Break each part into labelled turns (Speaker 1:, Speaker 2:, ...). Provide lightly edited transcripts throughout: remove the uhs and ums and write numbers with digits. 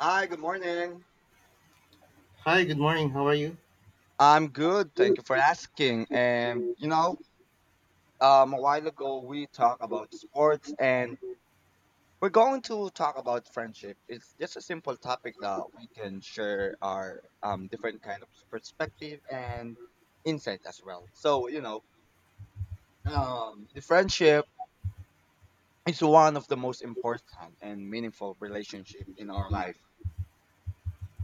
Speaker 1: Hi, good morning.
Speaker 2: Hi, good morning. How are you?
Speaker 1: I'm good. Thank you for asking. A while ago we talked about sports, and we're going to talk about friendship. It's just a simple topic that we can share our different kind of perspective and insight as well. The friendship is one of the most important and meaningful relationship in our life.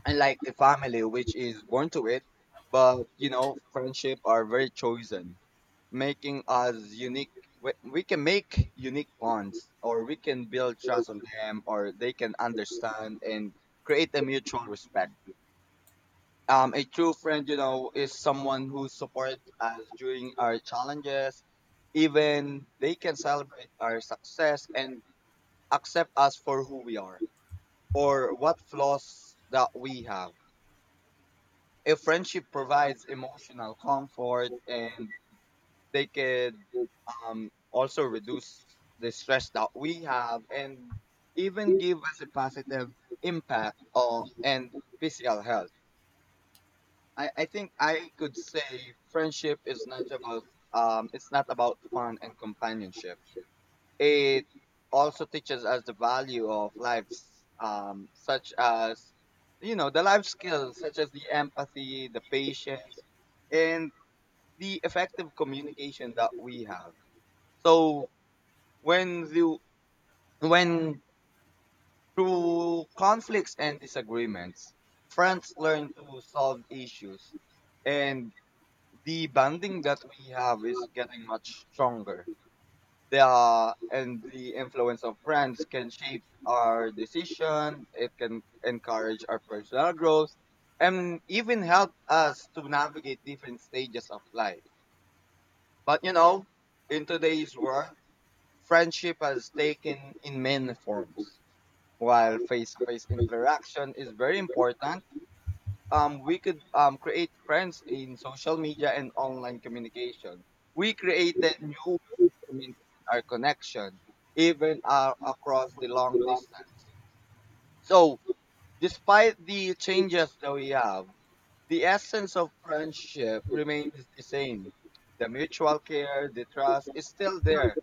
Speaker 1: And like the family which is born to it, but you know, friendship are very chosen, making us unique. We can make unique bonds, or we can build trust on them, or they can understand and create a mutual respect. A true friend, you know, is someone who supports us during our challenges, even they can celebrate our success and accept us for who we are or what flaws that we have. A friendship provides emotional comfort, and they could, also reduce the stress that we have, and even give us a positive impact on and physical health. I think I could say friendship is not about, it's not about fun and companionship. It also teaches us the value of lives, such as, you know, the life skills such as the empathy, the patience, and the effective communication that we have. So when the when through conflicts and disagreements, friends learn to solve issues, and the bonding that we have is getting much stronger. The influence of friends can shape our decision. It can encourage our personal growth, and even help us to navigate different stages of life. But you know, in today's world, friendship has taken in many forms. While face-to-face interaction is very important, we could create friends in social media and online communication. We created new ways to maintain our connection, even across the
Speaker 2: Good
Speaker 1: long
Speaker 2: one.
Speaker 1: distance. So, despite the changes that we have, the essence of friendship remains the same. The mutual care, the trust is still there,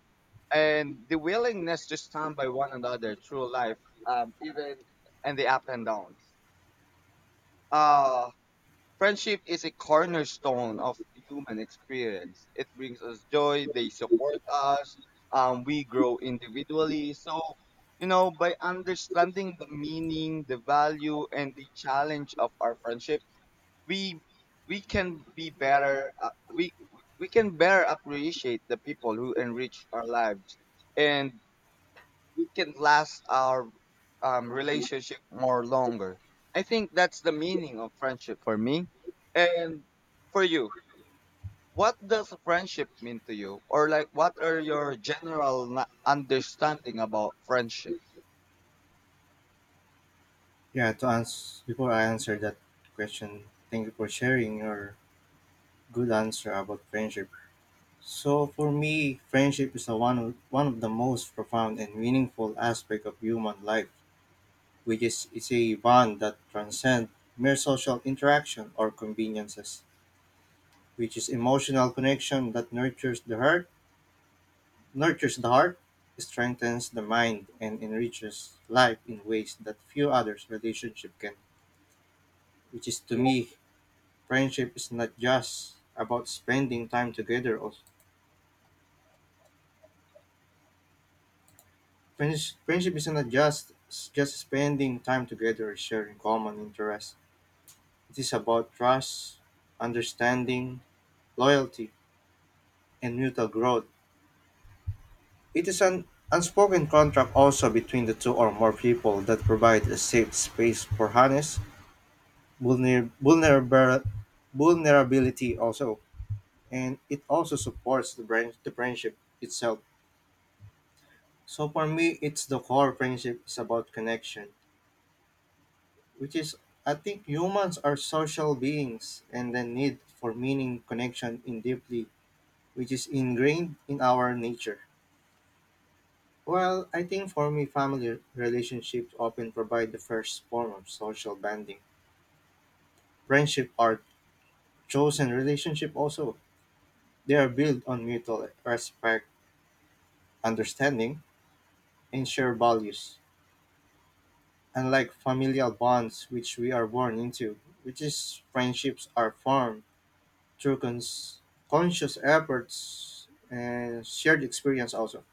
Speaker 1: and the willingness to stand by one another through life, even and the up and downs. Uh, Friendship is a cornerstone of human experience. It brings us joy. They support us. We grow individually. So, you know, by understanding the meaning, the value, and the challenge of our friendship, we we can be better. We can better appreciate the people who enrich our lives, and we can last our relationship more longer. I think that's the meaning of friendship for me. And for you, what does friendship mean to you? Or like, what are your general understanding about friendship?
Speaker 2: Yeah, to answer— before I answer that question, thank you for sharing your good answer about friendship. So for me, friendship is one of the most profound and meaningful aspect of human life, which is it's a bond that transcends mere social interaction or conveniences, which is emotional connection that nurtures the heart, nurtures the heart, strengthens the mind, and enriches life in ways that few others relationship can. Which is, to me, friendship is not just about spending time together or— friendship is not just— just spending time together, sharing common interests. It is about trust, understanding, loyalty, and mutual growth. It is an unspoken contract also between the two or more people that provide a safe space for honest vulner- vulnerable vulnerability also, and it also supports the, the friendship itself. So for me, it's the core— friendship is about connection, which is— I think humans are social beings and the need for meaning, connection in deeply, which is ingrained in our nature. Well, I think for me, family relationships often provide the first form of social bonding. Friendship are chosen relationship also. They are built on mutual respect, understanding, and shared values. Unlike familial bonds which we are born into, which is— friendships are formed through conscious efforts and shared experience also.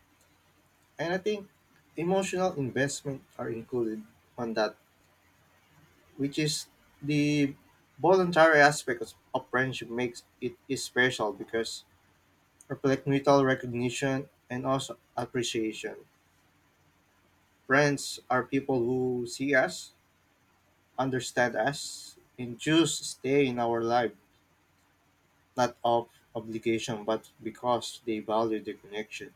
Speaker 2: And I think emotional investment are included on that, which is the voluntary aspect of friendship makes it is special, because reflect mutual recognition and also appreciation. Friends are people who see us, understand us, and choose to stay in our life. Not of obligation, but because they value the connection.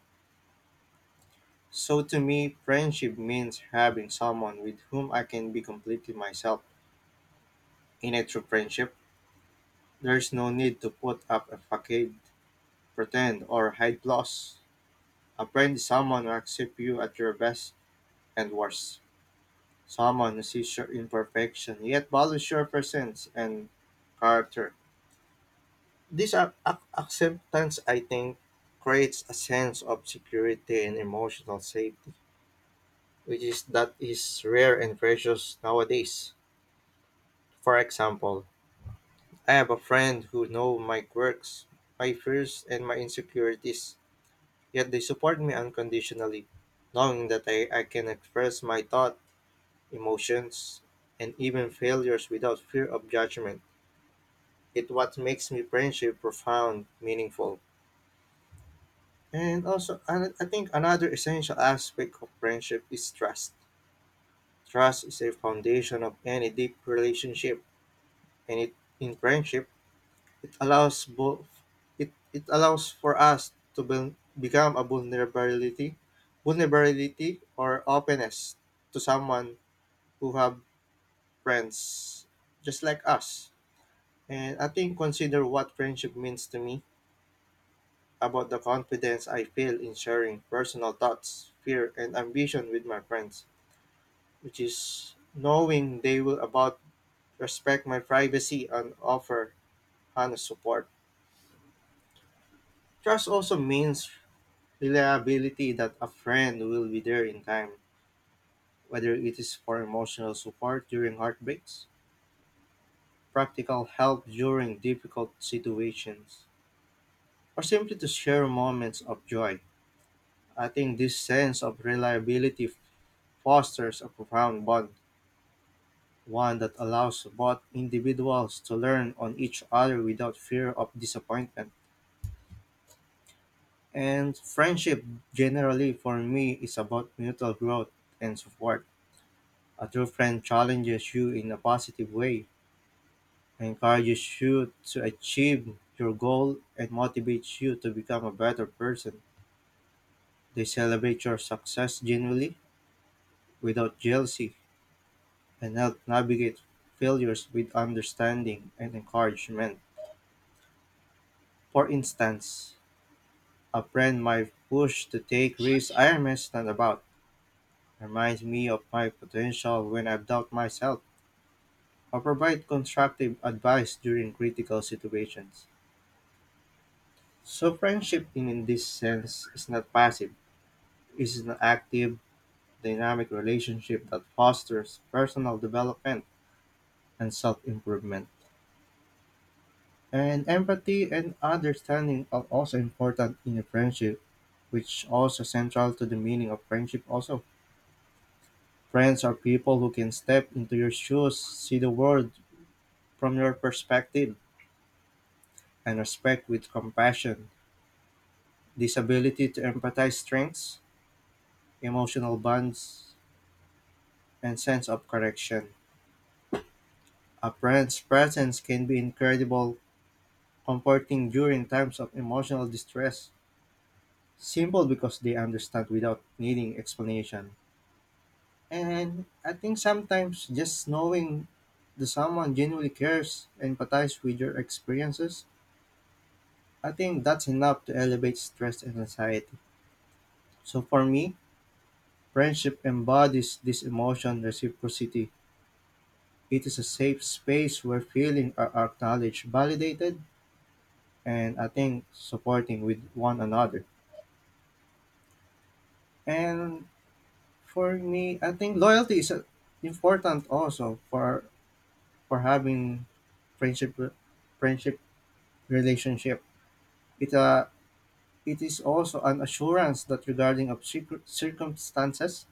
Speaker 2: So to me, friendship means having someone with whom I can be completely myself. In a true friendship, there's no need to put up a facade, pretend, or hide flaws. A friend is someone who accepts you at your best and worst. Someone who sees your imperfection yet values your presence and character. This acceptance, I think, creates a sense of security and emotional safety, which is— that is rare and precious nowadays. For example, I have a friend who know my quirks, my fears, and my insecurities, yet they support me unconditionally, knowing that I can express my thought, emotions, and even failures without fear of judgment. It what makes me friendship profound, meaningful. And also, I think another essential aspect of friendship is trust. Trust is a foundation of any deep relationship, and it, in friendship, it allows both— it allows for us to be, become a vulnerability— or openness to someone who have friends just like us. And I think, consider what friendship means to me, about the confidence I feel in sharing personal thoughts, fear, and ambition with my friends, which is knowing they will about respect my privacy and offer honest support. Trust also means reliability, that a friend will be there in time, whether it is for emotional support during heartbreaks, practical help during difficult situations, or simply to share moments of joy. I think this sense of reliability fosters a profound bond, one that allows both individuals to learn on each other without fear of disappointment. And friendship, generally for me, is about mutual growth and support. A true friend challenges you in a positive way, encourages you to achieve your goal, and motivates you to become a better person. They celebrate your success genuinely, without jealousy, and help navigate failures with understanding and encouragement. For instance, a friend might push to take risks I am hesitant about, reminds me of my potential when I doubt myself, or provide constructive advice during critical situations. So friendship in this sense is not passive. It is an active, dynamic relationship that fosters personal development and self-improvement. And empathy and understanding are also important in a friendship, which also central to the meaning of friendship also. Friends are people who can step into your shoes, see the world from your perspective, and respect with compassion. This ability to empathize strengths, emotional bonds, and sense of correction. A friend's presence can be incredible comforting during times of emotional distress, simple because they understand without needing explanation. And I think sometimes just knowing that someone genuinely cares, empathize with your experiences, I think that's enough to elevate stress and anxiety. So for me, friendship embodies this emotion reciprocity. It is a safe space where feelings are acknowledged, validated, and I think supporting with one another. And for me, I think loyalty is important also for— for having friendship friendship relationship. It uh, it is also an assurance that regarding of circumstances,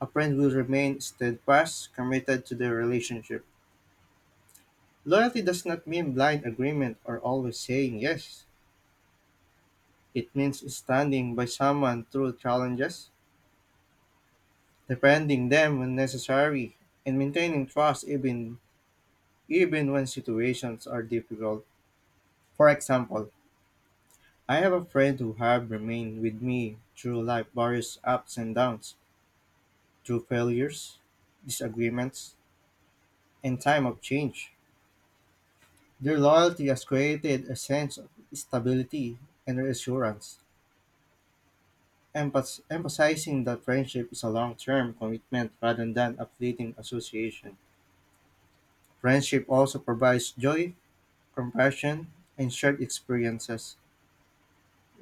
Speaker 2: a friend will remain steadfast, committed to their relationship. Loyalty does not mean blind agreement or always saying yes. It means standing by someone through challenges, defending them when necessary, and maintaining trust even when situations are difficult. For example, I have a friend who have remained with me through life various ups and downs, through failures, disagreements, and time of change. Their loyalty has created a sense of stability and reassurance, emphasizing that friendship is a long-term commitment rather than a fleeting association. Friendship also provides joy, compassion, and shared experiences.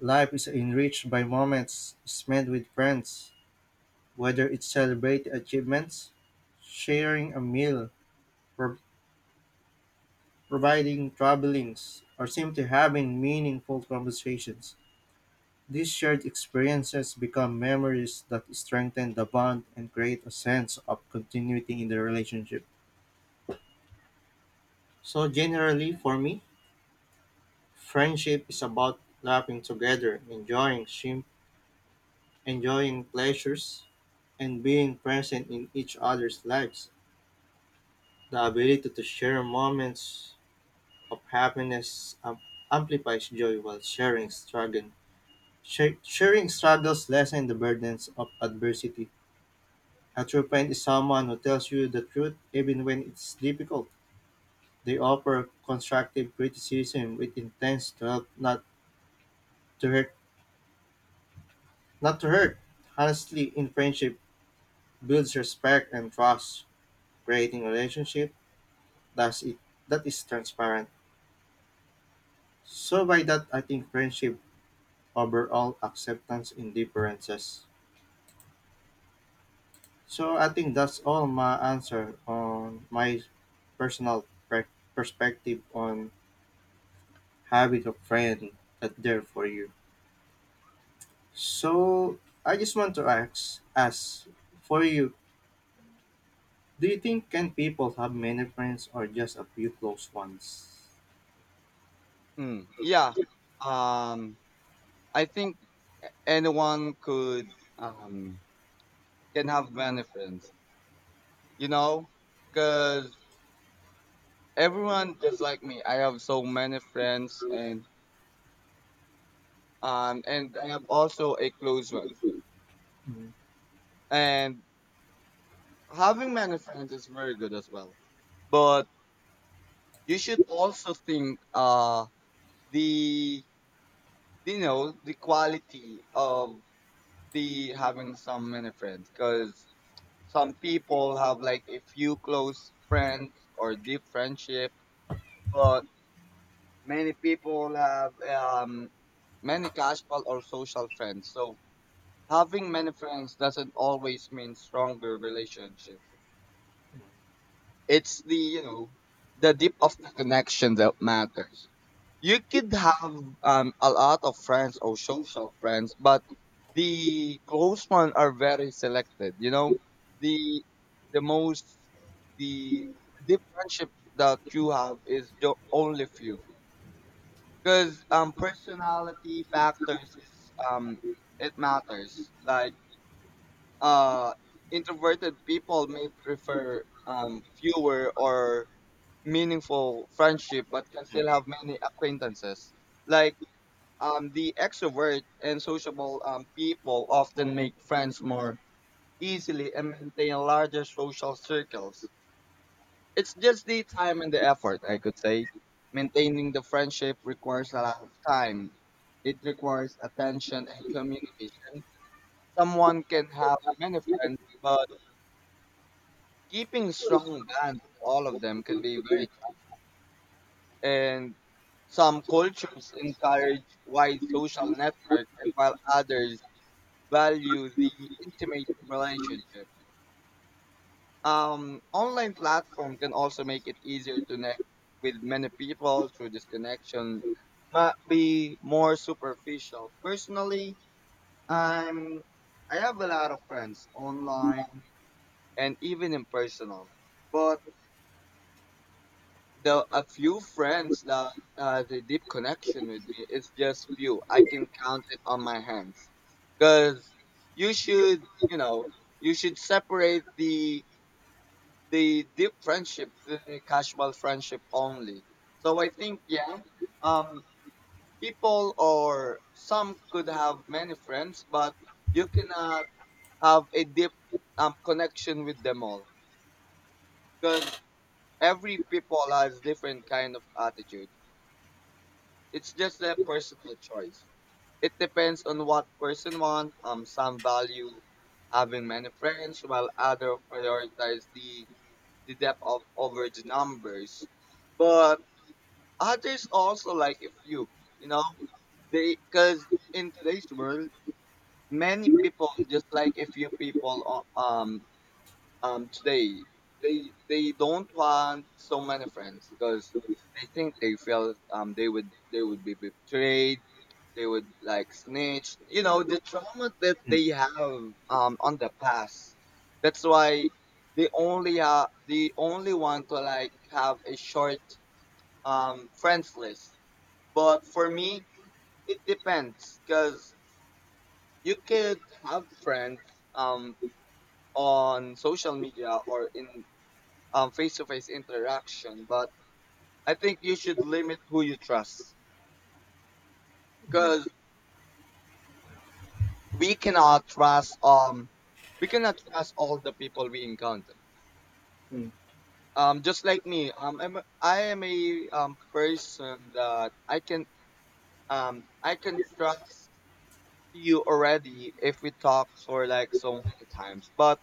Speaker 2: Life is enriched by moments spent with friends, whether it's celebrating achievements, sharing a meal, pro- providing travelings, or simply having meaningful conversations. These shared experiences become memories that strengthen the bond and create a sense of continuity in the relationship. So, generally, for me, friendship is about laughing together, enjoying, enjoying pleasures, and being present in each other's lives. The ability to share moments of happiness amplifies joy while sharing struggle. Sharing struggles lessen the burdens of adversity. A true friend is someone who tells you the truth even when it's difficult. They offer constructive criticism with intent to help, not to hurt. Not to hurt. Honestly, in friendship, builds respect and trust, creating relationship— that's it that is transparent. So by that, I think friendship overall acceptance in differences. So I think that's all my answer on my personal perspective on having a friend that there for you. So I just want to ask for you, do you think can people have many friends or just a few close ones?
Speaker 1: Mm, yeah. Um, I think anyone could, um, can have many friends, you know, cause everyone, just like me, I have so many friends, and and I have also a close one,
Speaker 2: Mm,
Speaker 1: and having many friends is very good as well. But you should also think, the you know, the quality of the having some many friends, because some people have like a few close friends or deep friendship, but many people have many casual or social friends. So having many friends doesn't always mean stronger relationship. It's the, you know, the deep of the connection that matters. You could have, a lot of friends or social friends, but the close ones are very selected. You know, the the most the deep friendship that you have is the only few, because personality factors is, it matters, like, uh introverted people may prefer fewer or meaningful friendship, but can still have many acquaintances. Like, the extrovert and sociable people often make friends more easily and maintain larger social circles. It's just the time and the effort, I could say. Maintaining the friendship requires a lot of time. It requires attention and communication. Someone can have many friends, but keeping strong bonds with all of them can be
Speaker 2: mm,
Speaker 1: very, and some cultures encourage wide social networks, and while others value the intimate relationship. Online platform can also make it easier to connect with many people through this connection, but be more superficial personally. i'm I have a lot of friends online and even in personal, but the a few friends that the deep connection with me is just few. I can count it on my hands. Cause you should, you know, you should separate the deep friendship, the casual friendship only. So I think, yeah, um, people or some could have many friends, but you cannot have a deep connection with them all. Cause every people has different kind of attitude. It's just a personal choice. It depends on what person want. Some value having many friends, while other prioritize the depth of over the numbers. But others also like a few, you know, they, because in today's world, many people just like a few people. Today they don't want so many friends because they think they feel they would, they would be betrayed, they would like snitch, you know, the trauma that
Speaker 2: mm,
Speaker 1: they have on the past. That's why they only, they only want to like have a short friends list. But for me, it depends, because you could have friends um on social media or in face to face interaction, but I think you should limit who you trust, because
Speaker 2: mm.
Speaker 1: we cannot trust um we cannot trust all the people we encounter.
Speaker 2: Mm.
Speaker 1: Just like me, I am a person that I can trust you already if we talk for like so many times, but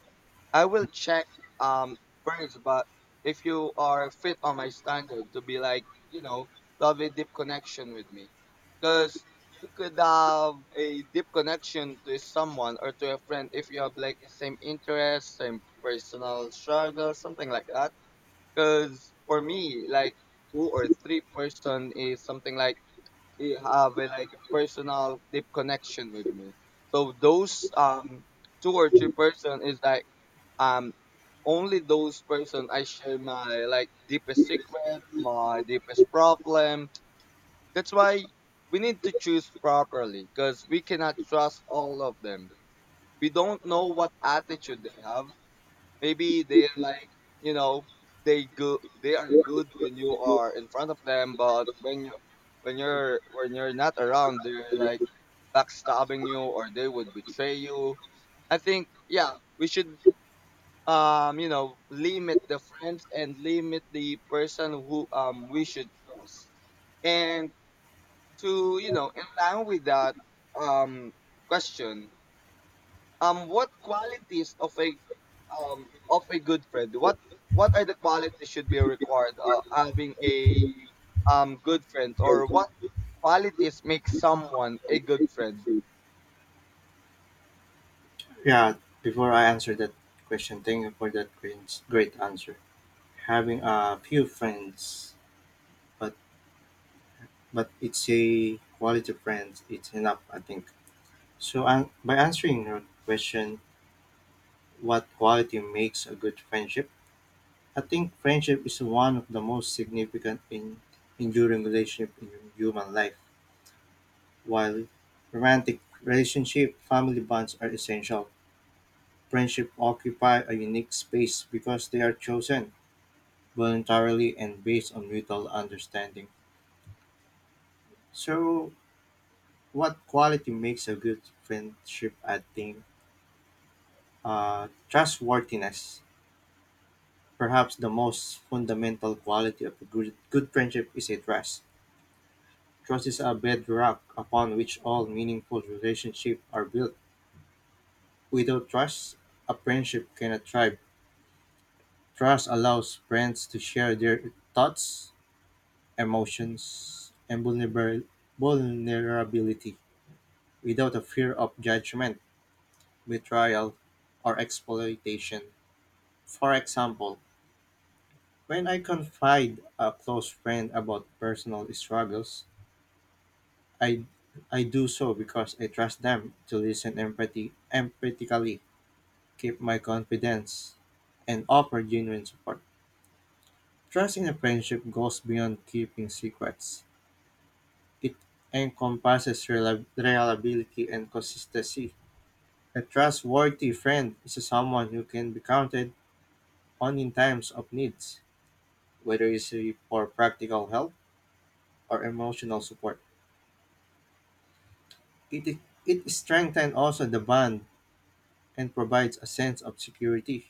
Speaker 1: I will check um first, but if you are fit on my standard to be like, you know, to have a deep connection with me. Because you could have a deep connection to someone or to a friend if you have like same interests, same personal struggle, something like that. Because for me, like, two or three person is something like, they have a like a personal deep connection with me. So those, two or three person is like, um only those person I share my like deepest secret, my deepest problem. That's why we need to choose properly, because we cannot trust all of them. We don't know what attitude they have. Maybe they're like, you know, they are good when you are in front of them, but when you, when you're not around, they're like backstabbing you, or they would betray you. I think, yeah, we should, you know, limit the friends and limit the person who, we should trust. And to, you know, in line with that, um question what qualities of a, of a good friend, what are the qualities should be required, having a good friend, or what qualities make someone a good friend?
Speaker 2: Yeah, before I answer that question, thank you for that great, great answer. Having a few friends, but— but it's a quality friends. It's enough, I think. So an by answering your question, what quality makes a good friendship? I think friendship is one of the most significant in enduring relationship in human life. While romantic relationship, family bonds are essential. Friendship occupy a unique space because they are chosen voluntarily and based on mutual understanding. So, what quality makes a good friendship? I think trustworthiness. Perhaps the most fundamental quality of a good, good friendship is a trust. Trust is a bedrock upon which all meaningful relationships are built. Without trust, a friendship cannot thrive. Trust allows friends to share their thoughts, emotions, and vulnerability without a fear of judgment, betrayal, or exploitation. For example, when I confide a close friend about personal struggles, I I do so because I trust them to listen empathy empathically, keep my confidence, and offer genuine support. Trust in a friendship goes beyond keeping secrets. It encompasses reliability and consistency. A trustworthy friend is someone who can be counted on in times of needs, whether it's for practical help or emotional support. It, it strengthens also the bond and provides a sense of security,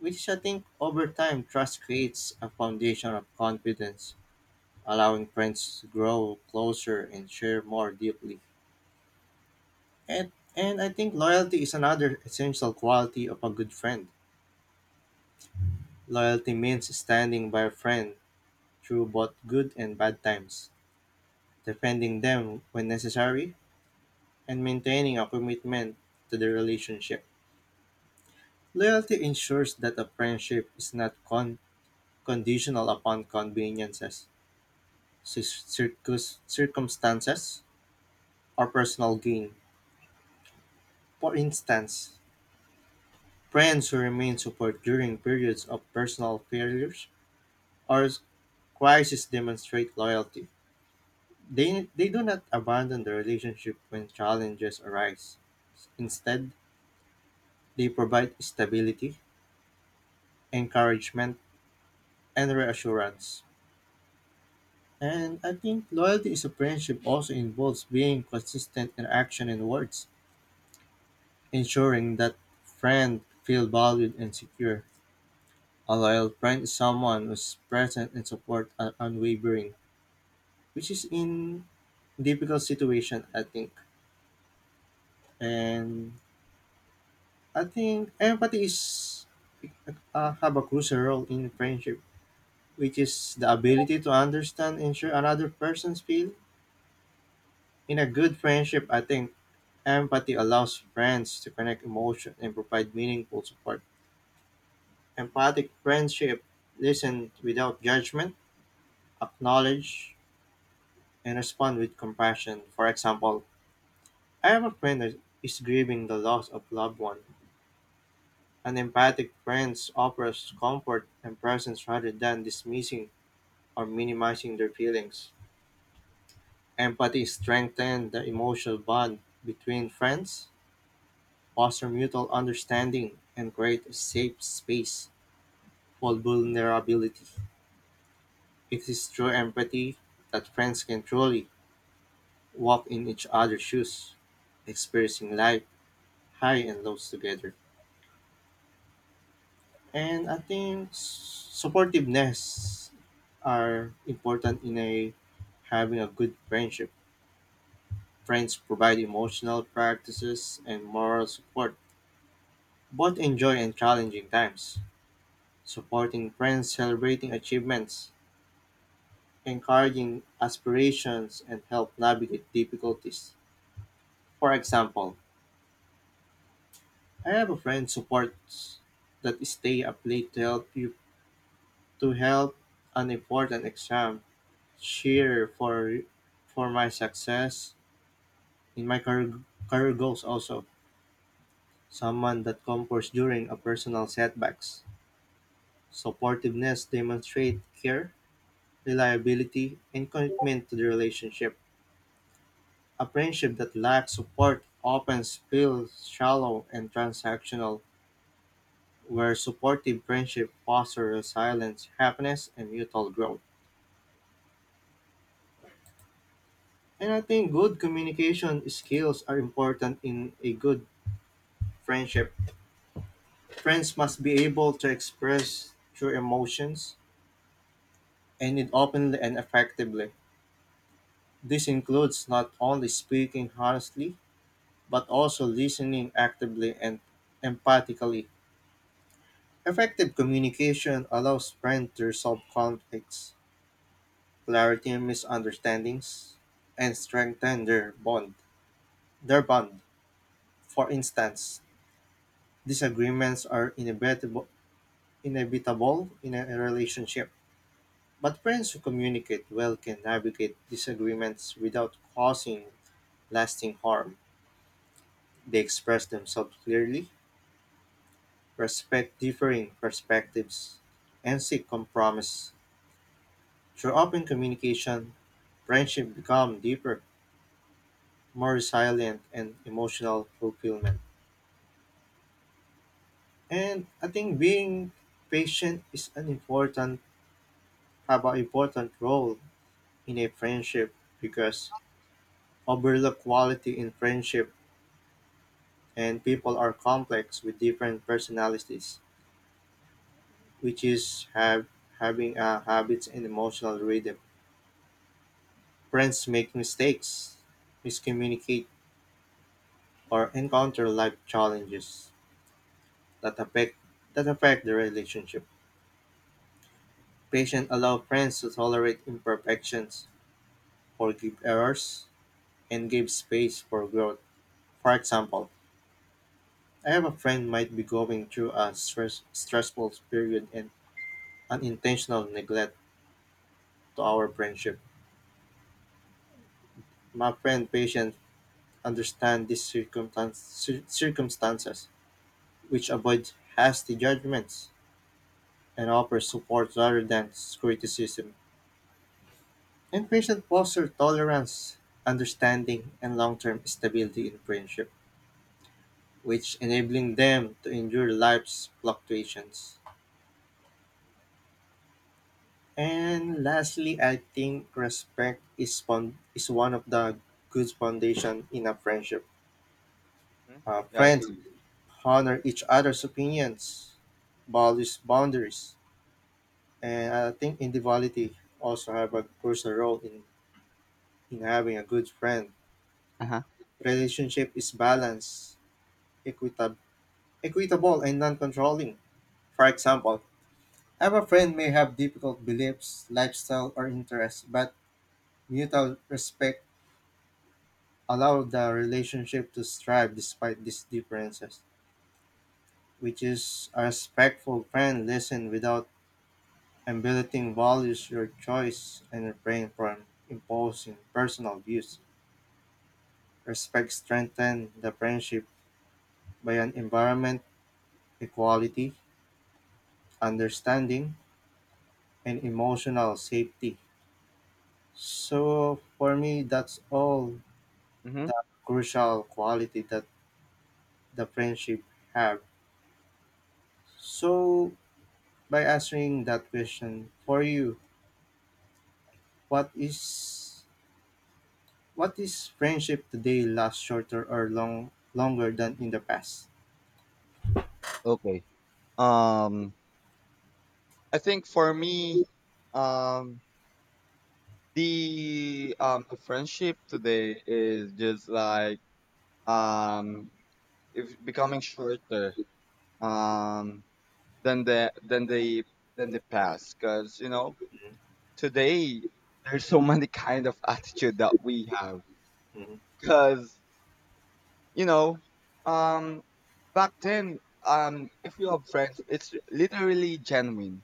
Speaker 2: which I think over time trust creates a foundation of confidence, allowing friends to grow closer and share more deeply. And I think loyalty is another essential quality of a good friend. Loyalty means standing by a friend through both good and bad times, defending them when necessary, and maintaining a commitment to the relationship. Loyalty ensures that a friendship is not conditional upon conveniences, circumstances, or personal gain. For instance, friends who remain support during periods of personal failures or crisis demonstrate loyalty. They do not abandon the relationship when challenges arise. Instead, they provide stability, encouragement, and reassurance. And I think loyalty is a friendship also involves being consistent in action and words, ensuring that friend feel valued and secure. A loyal friend is someone who's present and support are unwavering, which is in difficult situation, I think. And I think empathy is have a crucial role in friendship, which is the ability to understand and share another person's feel. In a good friendship, I think empathy allows friends to connect emotion and provide meaningful support. Empathic friendship listen without judgment, acknowledge, and respond with compassion. For example, I have a friend that is grieving the loss of loved one. An empathic friend offers comfort and presence rather than dismissing or minimizing their feelings. Empathy strengthens the emotional bond between friends, foster mutual understanding, and create a safe space all vulnerability. It is through empathy that friends can truly walk in each other's shoes, experiencing life high and lows together. And I think supportiveness are important in a having a good friendship. Friends provide emotional practices and moral support. Both enjoy and challenging times. Supporting friends, celebrating achievements, encouraging aspirations, and help navigate difficulties. For example, I have a friend supports that stay up late to help you to help an important exam. Cheer for my success in my career, career goals also. Someone that comforts during a personal setbacks. Supportiveness demonstrate care, reliability, and commitment to the relationship. A friendship that lacks support often feels shallow and transactional, where supportive friendship fosters resilience, happiness, and mutual growth. And I think good communication skills are important in a good friendship. Friends must be able to express true emotions and it openly and effectively. This includes not only speaking honestly, but also listening actively and empathically. Effective communication allows friends to resolve conflicts, clarity, and misunderstandings, and strengthen their bond. Their bond, for instance, disagreements are inevitable in a relationship, but friends who communicate well can navigate disagreements without causing lasting harm. They express themselves clearly, respect differing perspectives, and seek compromise. Through open communication, friendship become deeper, more resilient, and emotional fulfillment. And I think being patient is an important have an important role in a friendship because overlook quality in friendship, and people are complex with different personalities which is have having a habits and emotional rhythm. Friends make mistakes, miscommunicate, or encounter life challenges that affect that affect the relationship. Patients allow friends to tolerate imperfections, forgive errors, and give space for growth. For example, I have a friend might be going through a stressful period and unintentional neglect to our friendship. My friend patient understand these circumstances, which avoids hasty judgments and offers support rather than criticism. And patient foster tolerance, understanding, and long-term stability in friendship, which enabling them to endure life's fluctuations. And lastly, I think respect is is one of the good foundation in a friendship.
Speaker 1: Hmm. Yeah, yeah.
Speaker 2: Friends Mm. honor each other's opinions, values boundaries, and I think individuality also have a crucial role in having a good friend.
Speaker 1: Uh-huh.
Speaker 2: Relationship is balanced, equitab- equitable, and non-controlling. For example, have a friend may have difficult beliefs, lifestyle, or interests, but mutual respect allow the relationship to thrive despite these differences, which is a respectful friend listen without emulating values your choice and refrain from imposing personal views. Respect strengthen the friendship by an environment, equality, understanding, and emotional safety. So for me, that's all
Speaker 1: Mm-hmm.
Speaker 2: the crucial quality that the friendship have. So by answering that question for you, What is what is friendship today lasts shorter or longer than in the past?
Speaker 1: Okay. um I think for me, um the friendship today is just like, um if becoming shorter um than the than the past, because you know,
Speaker 2: Mm,
Speaker 1: today there's so many kind of attitude that we have,
Speaker 2: mm,
Speaker 1: because you know, um back then, if you have friends, it's literally genuine.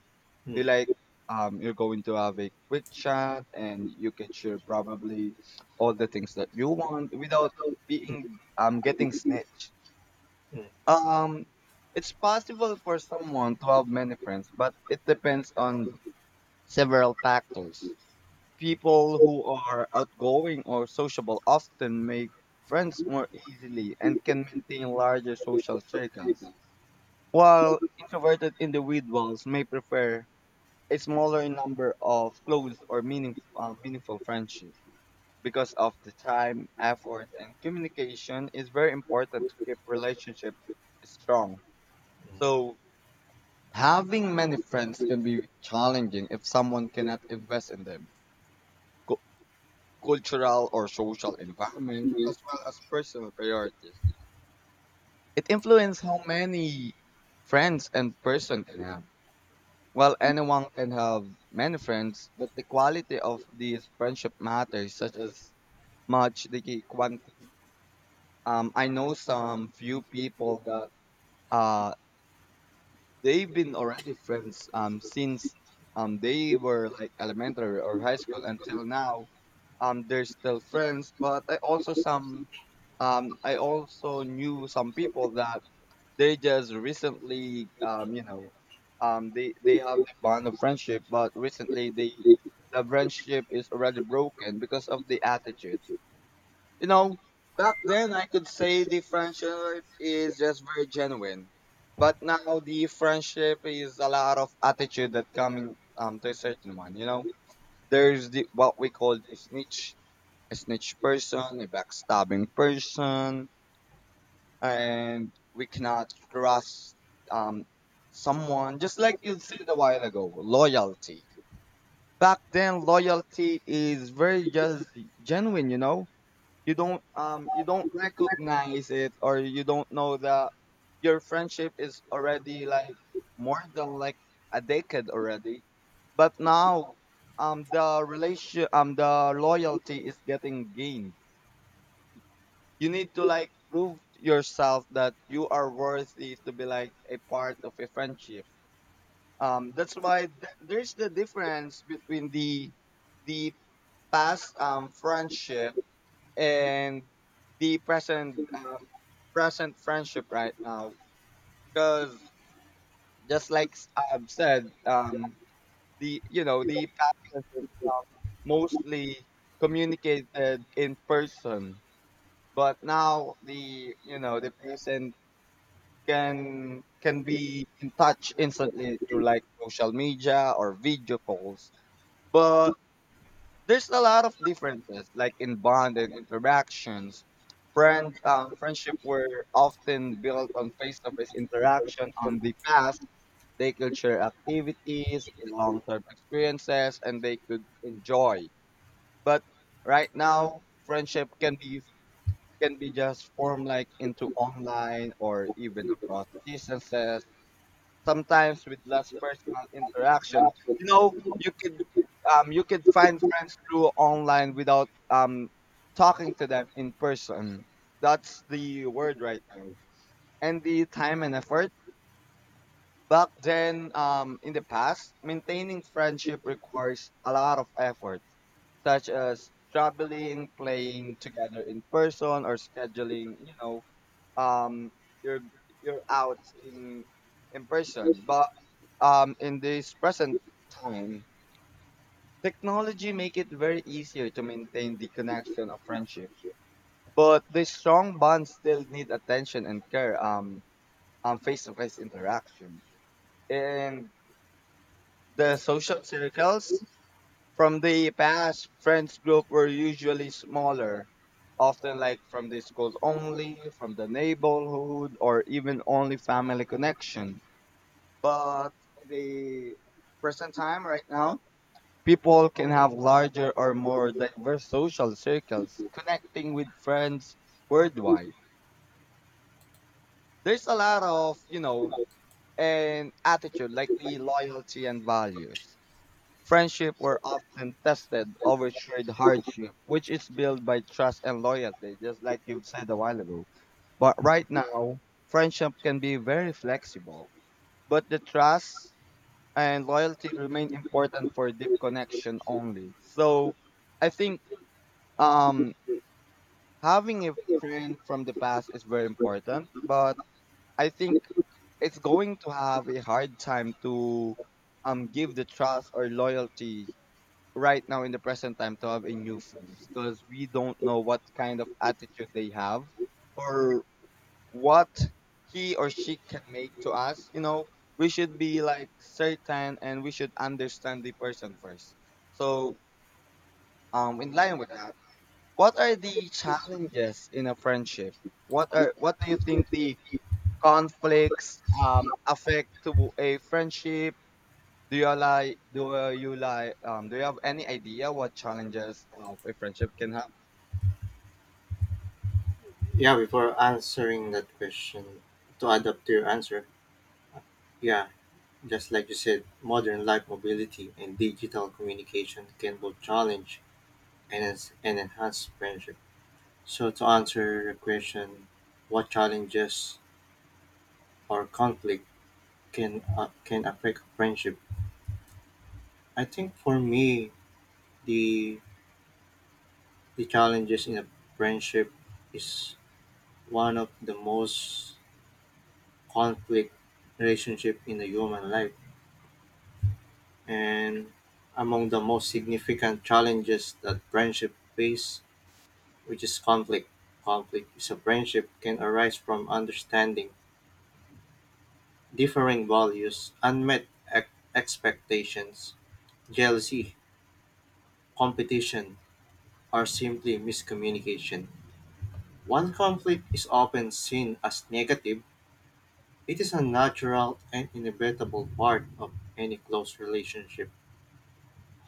Speaker 1: You like, you're going to have a quick chat and you can share probably all the things that you want, without being, getting snitched.
Speaker 2: mm,
Speaker 1: um it's possible for someone to have many friends, but it depends on several factors. People who are outgoing or sociable often make friends more easily and can maintain larger social circles, while introverted individuals may prefer a smaller number of close or meaningful friendships. Because of the time, effort, and communication is very important to keep relationships strong. So, having many friends can be challenging if someone cannot invest in them, cultural or social environment, as
Speaker 2: mm.
Speaker 1: well as personal priorities. It influences how many friends and person can have. While anyone can have many friends, but the quality of these friendship matters such as much the quantity. I know some few people that, uh they've been already friends since they were like elementary or high school until now. They're still friends, but I also some, I also knew some people that they just recently, you know, they have the bond of friendship, but recently they, the friendship is already broken because of the attitude. You know, back then I could say the friendship is just very genuine. But now the friendship is a lot of attitude that coming, to a certain one, you know. There's the what we call a snitch person, a backstabbing person, and we cannot trust um someone, just like you said a while ago, loyalty. Back then loyalty is very just genuine, you know, you don't recognize it, or you don't know that your friendship is already like more than like a decade already. But now, the loyalty is getting gained. You need to like prove to yourself that you are worthy to be like a part of a friendship. That's why there's the difference between the past friendship, and the present present friendship right now. Because, just like I've said, the you know, the past friendship, mostly communicated in person, but now the, you know, the present can be in touch instantly through like social media or video calls. But there's a lot of differences, like in bond and interactions. Friends, friendship were often built on face-to-face interaction on the past. They could share activities, long-term experiences, and they could enjoy. But right now, friendship can be, just formed like into online or even across distances, sometimes with less personal interaction. You know, you could find friends through online without talking to them in person. That's the word right now. And the time and effort. Back then, in the past, maintaining friendship requires a lot of effort, such as traveling, playing together in person, or scheduling, you know, um you're you're out in person, but in this present time, technology make it very easier to maintain the connection of friendship, but the strong bonds still need attention and care, on face-to-face interaction. And the social circles from the past friends group were usually smaller, often like from the school only, from the neighborhood, or even only family connection. But the present time right now, people can have larger or more diverse social circles, connecting with friends worldwide. There's a lot of, you know, an attitude like the loyalty and values. Friendship were often tested over shared hardship, which is built by trust and loyalty, just like you said a while ago. But right now, friendship can be very flexible. But the trust and loyalty remain important for deep connection only. So I think, um having a friend from the past is very important, but I think it's going to have a hard time to, give the trust or loyalty right now in the present time to have a new friends, because we don't know what kind of attitude they have, or what he or she can make to us. You know, we should be like certain and we should understand the person first. So, in line with that, what are the challenges in a friendship? What are what do you think the conflicts affect to a friendship? Do you have any idea what challenges of a friendship can have?
Speaker 2: Yeah, before answering that question, to add up to your answer, yeah, just like you said, modern life mobility and digital communication can both challenge and enhance friendship. So, to answer the question, what challenges or conflict can affect friendship? I think for me, the The challenges in a friendship is one of the most conflict relationship in the human life, and among the most significant challenges that friendship face, which is conflict. Conflict is a friendship can arise from understanding differing values, unmet expectations, jealousy, competition, or simply miscommunication. One conflict is often seen as negative. It is a natural and inevitable part of any close relationship.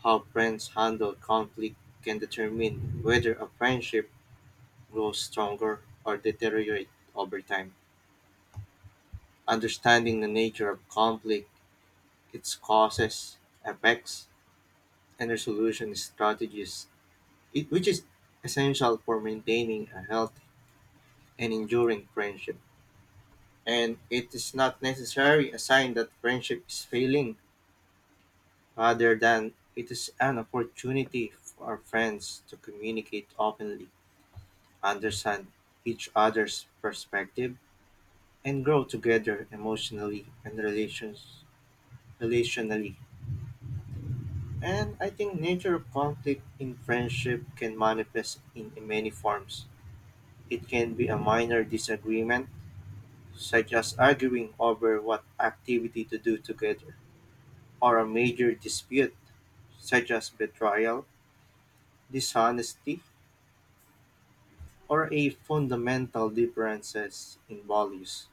Speaker 2: How friends handle conflict can determine whether a friendship grows stronger or deteriorates over time. Understanding the nature of conflict, its causes, effects, and resolution strategies, it, which is essential for maintaining a healthy and enduring friendship. And it is not necessarily a sign that friendship is failing. Rather than it is an opportunity for our friends to communicate openly, understand each other's perspective, and grow together emotionally and relations relationally. And I think nature of conflict in friendship can manifest in many forms. It can be a minor disagreement, such as arguing over what activity to do together, or a major dispute, such as betrayal, dishonesty, or a fundamental differences in values.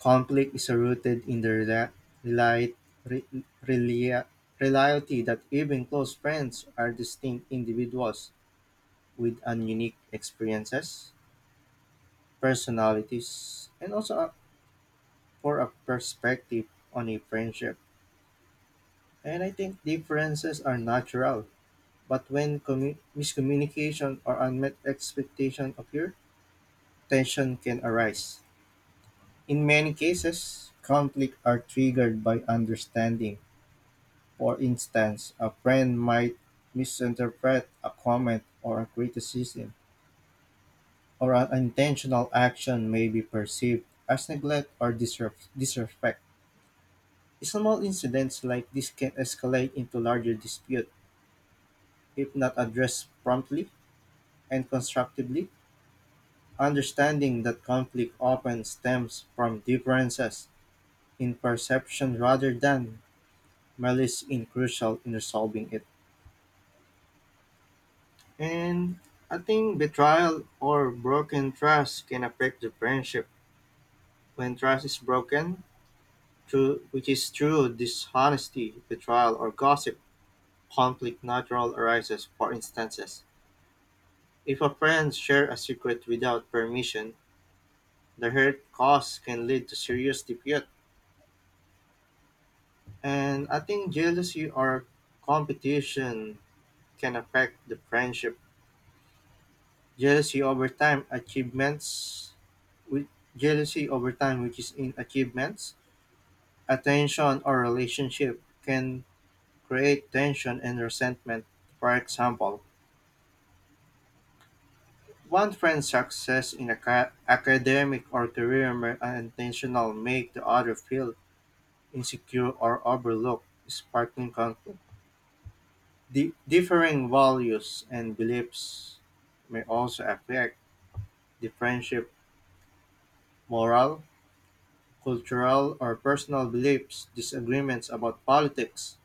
Speaker 2: Conflict is rooted in the reli- re- relia- reality that even close friends are distinct individuals with unique experiences, personalities, and also for a perspective on a friendship. And I think differences are natural, but when miscommunication or unmet expectation occur, tension can arise. In many cases, conflict are triggered by understanding. For instance, a friend might misinterpret a comment or a criticism, or an intentional action may be perceived as neglect or disrespect. Small incidents like this can escalate into larger dispute if not addressed promptly and constructively. Understanding that conflict often stems from differences in perception rather than malice is crucial in resolving it, and I think betrayal or broken trust can affect the friendship. When trust is broken, through which is through dishonesty, betrayal, or gossip, conflict natural arises. For instances, if a friend shares a secret without permission, the hurt caused can lead to serious dispute. And I think jealousy or competition can affect the friendship. Jealousy over time achievements with jealousy over time, which is in achievements, attention or relationship can create tension and resentment. For example, one friend's success in a academic or career may unintentional make the other feel insecure or overlooked, sparking conflict. Differing values and beliefs may also affect the friendship morale. Cultural or personal beliefs, disagreements about politics,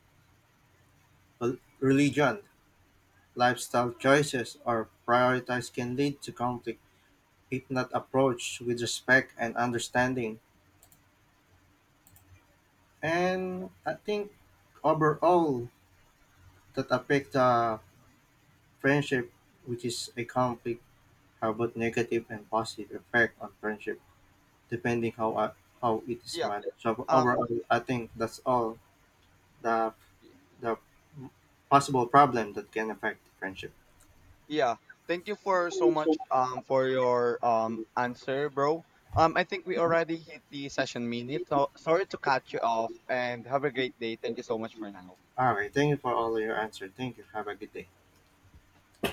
Speaker 2: religion, lifestyle choices, or priorities can lead to conflict if not approached with respect and understanding. And I think overall that affect the friendship, which is a conflict, have both negative and positive effect on friendship, depending how it is
Speaker 1: Yeah.
Speaker 2: managed. So
Speaker 1: um
Speaker 2: overall, I think that's all the the possible problem that can affect friendship.
Speaker 1: Yeah, thank you for so
Speaker 2: All
Speaker 1: much for your answer, bro. I think we already hit the session minute. So sorry to cut you off, and have a great day. Thank you so much for now.
Speaker 2: right. Thank you for all your answer. Thank you. Have a good day.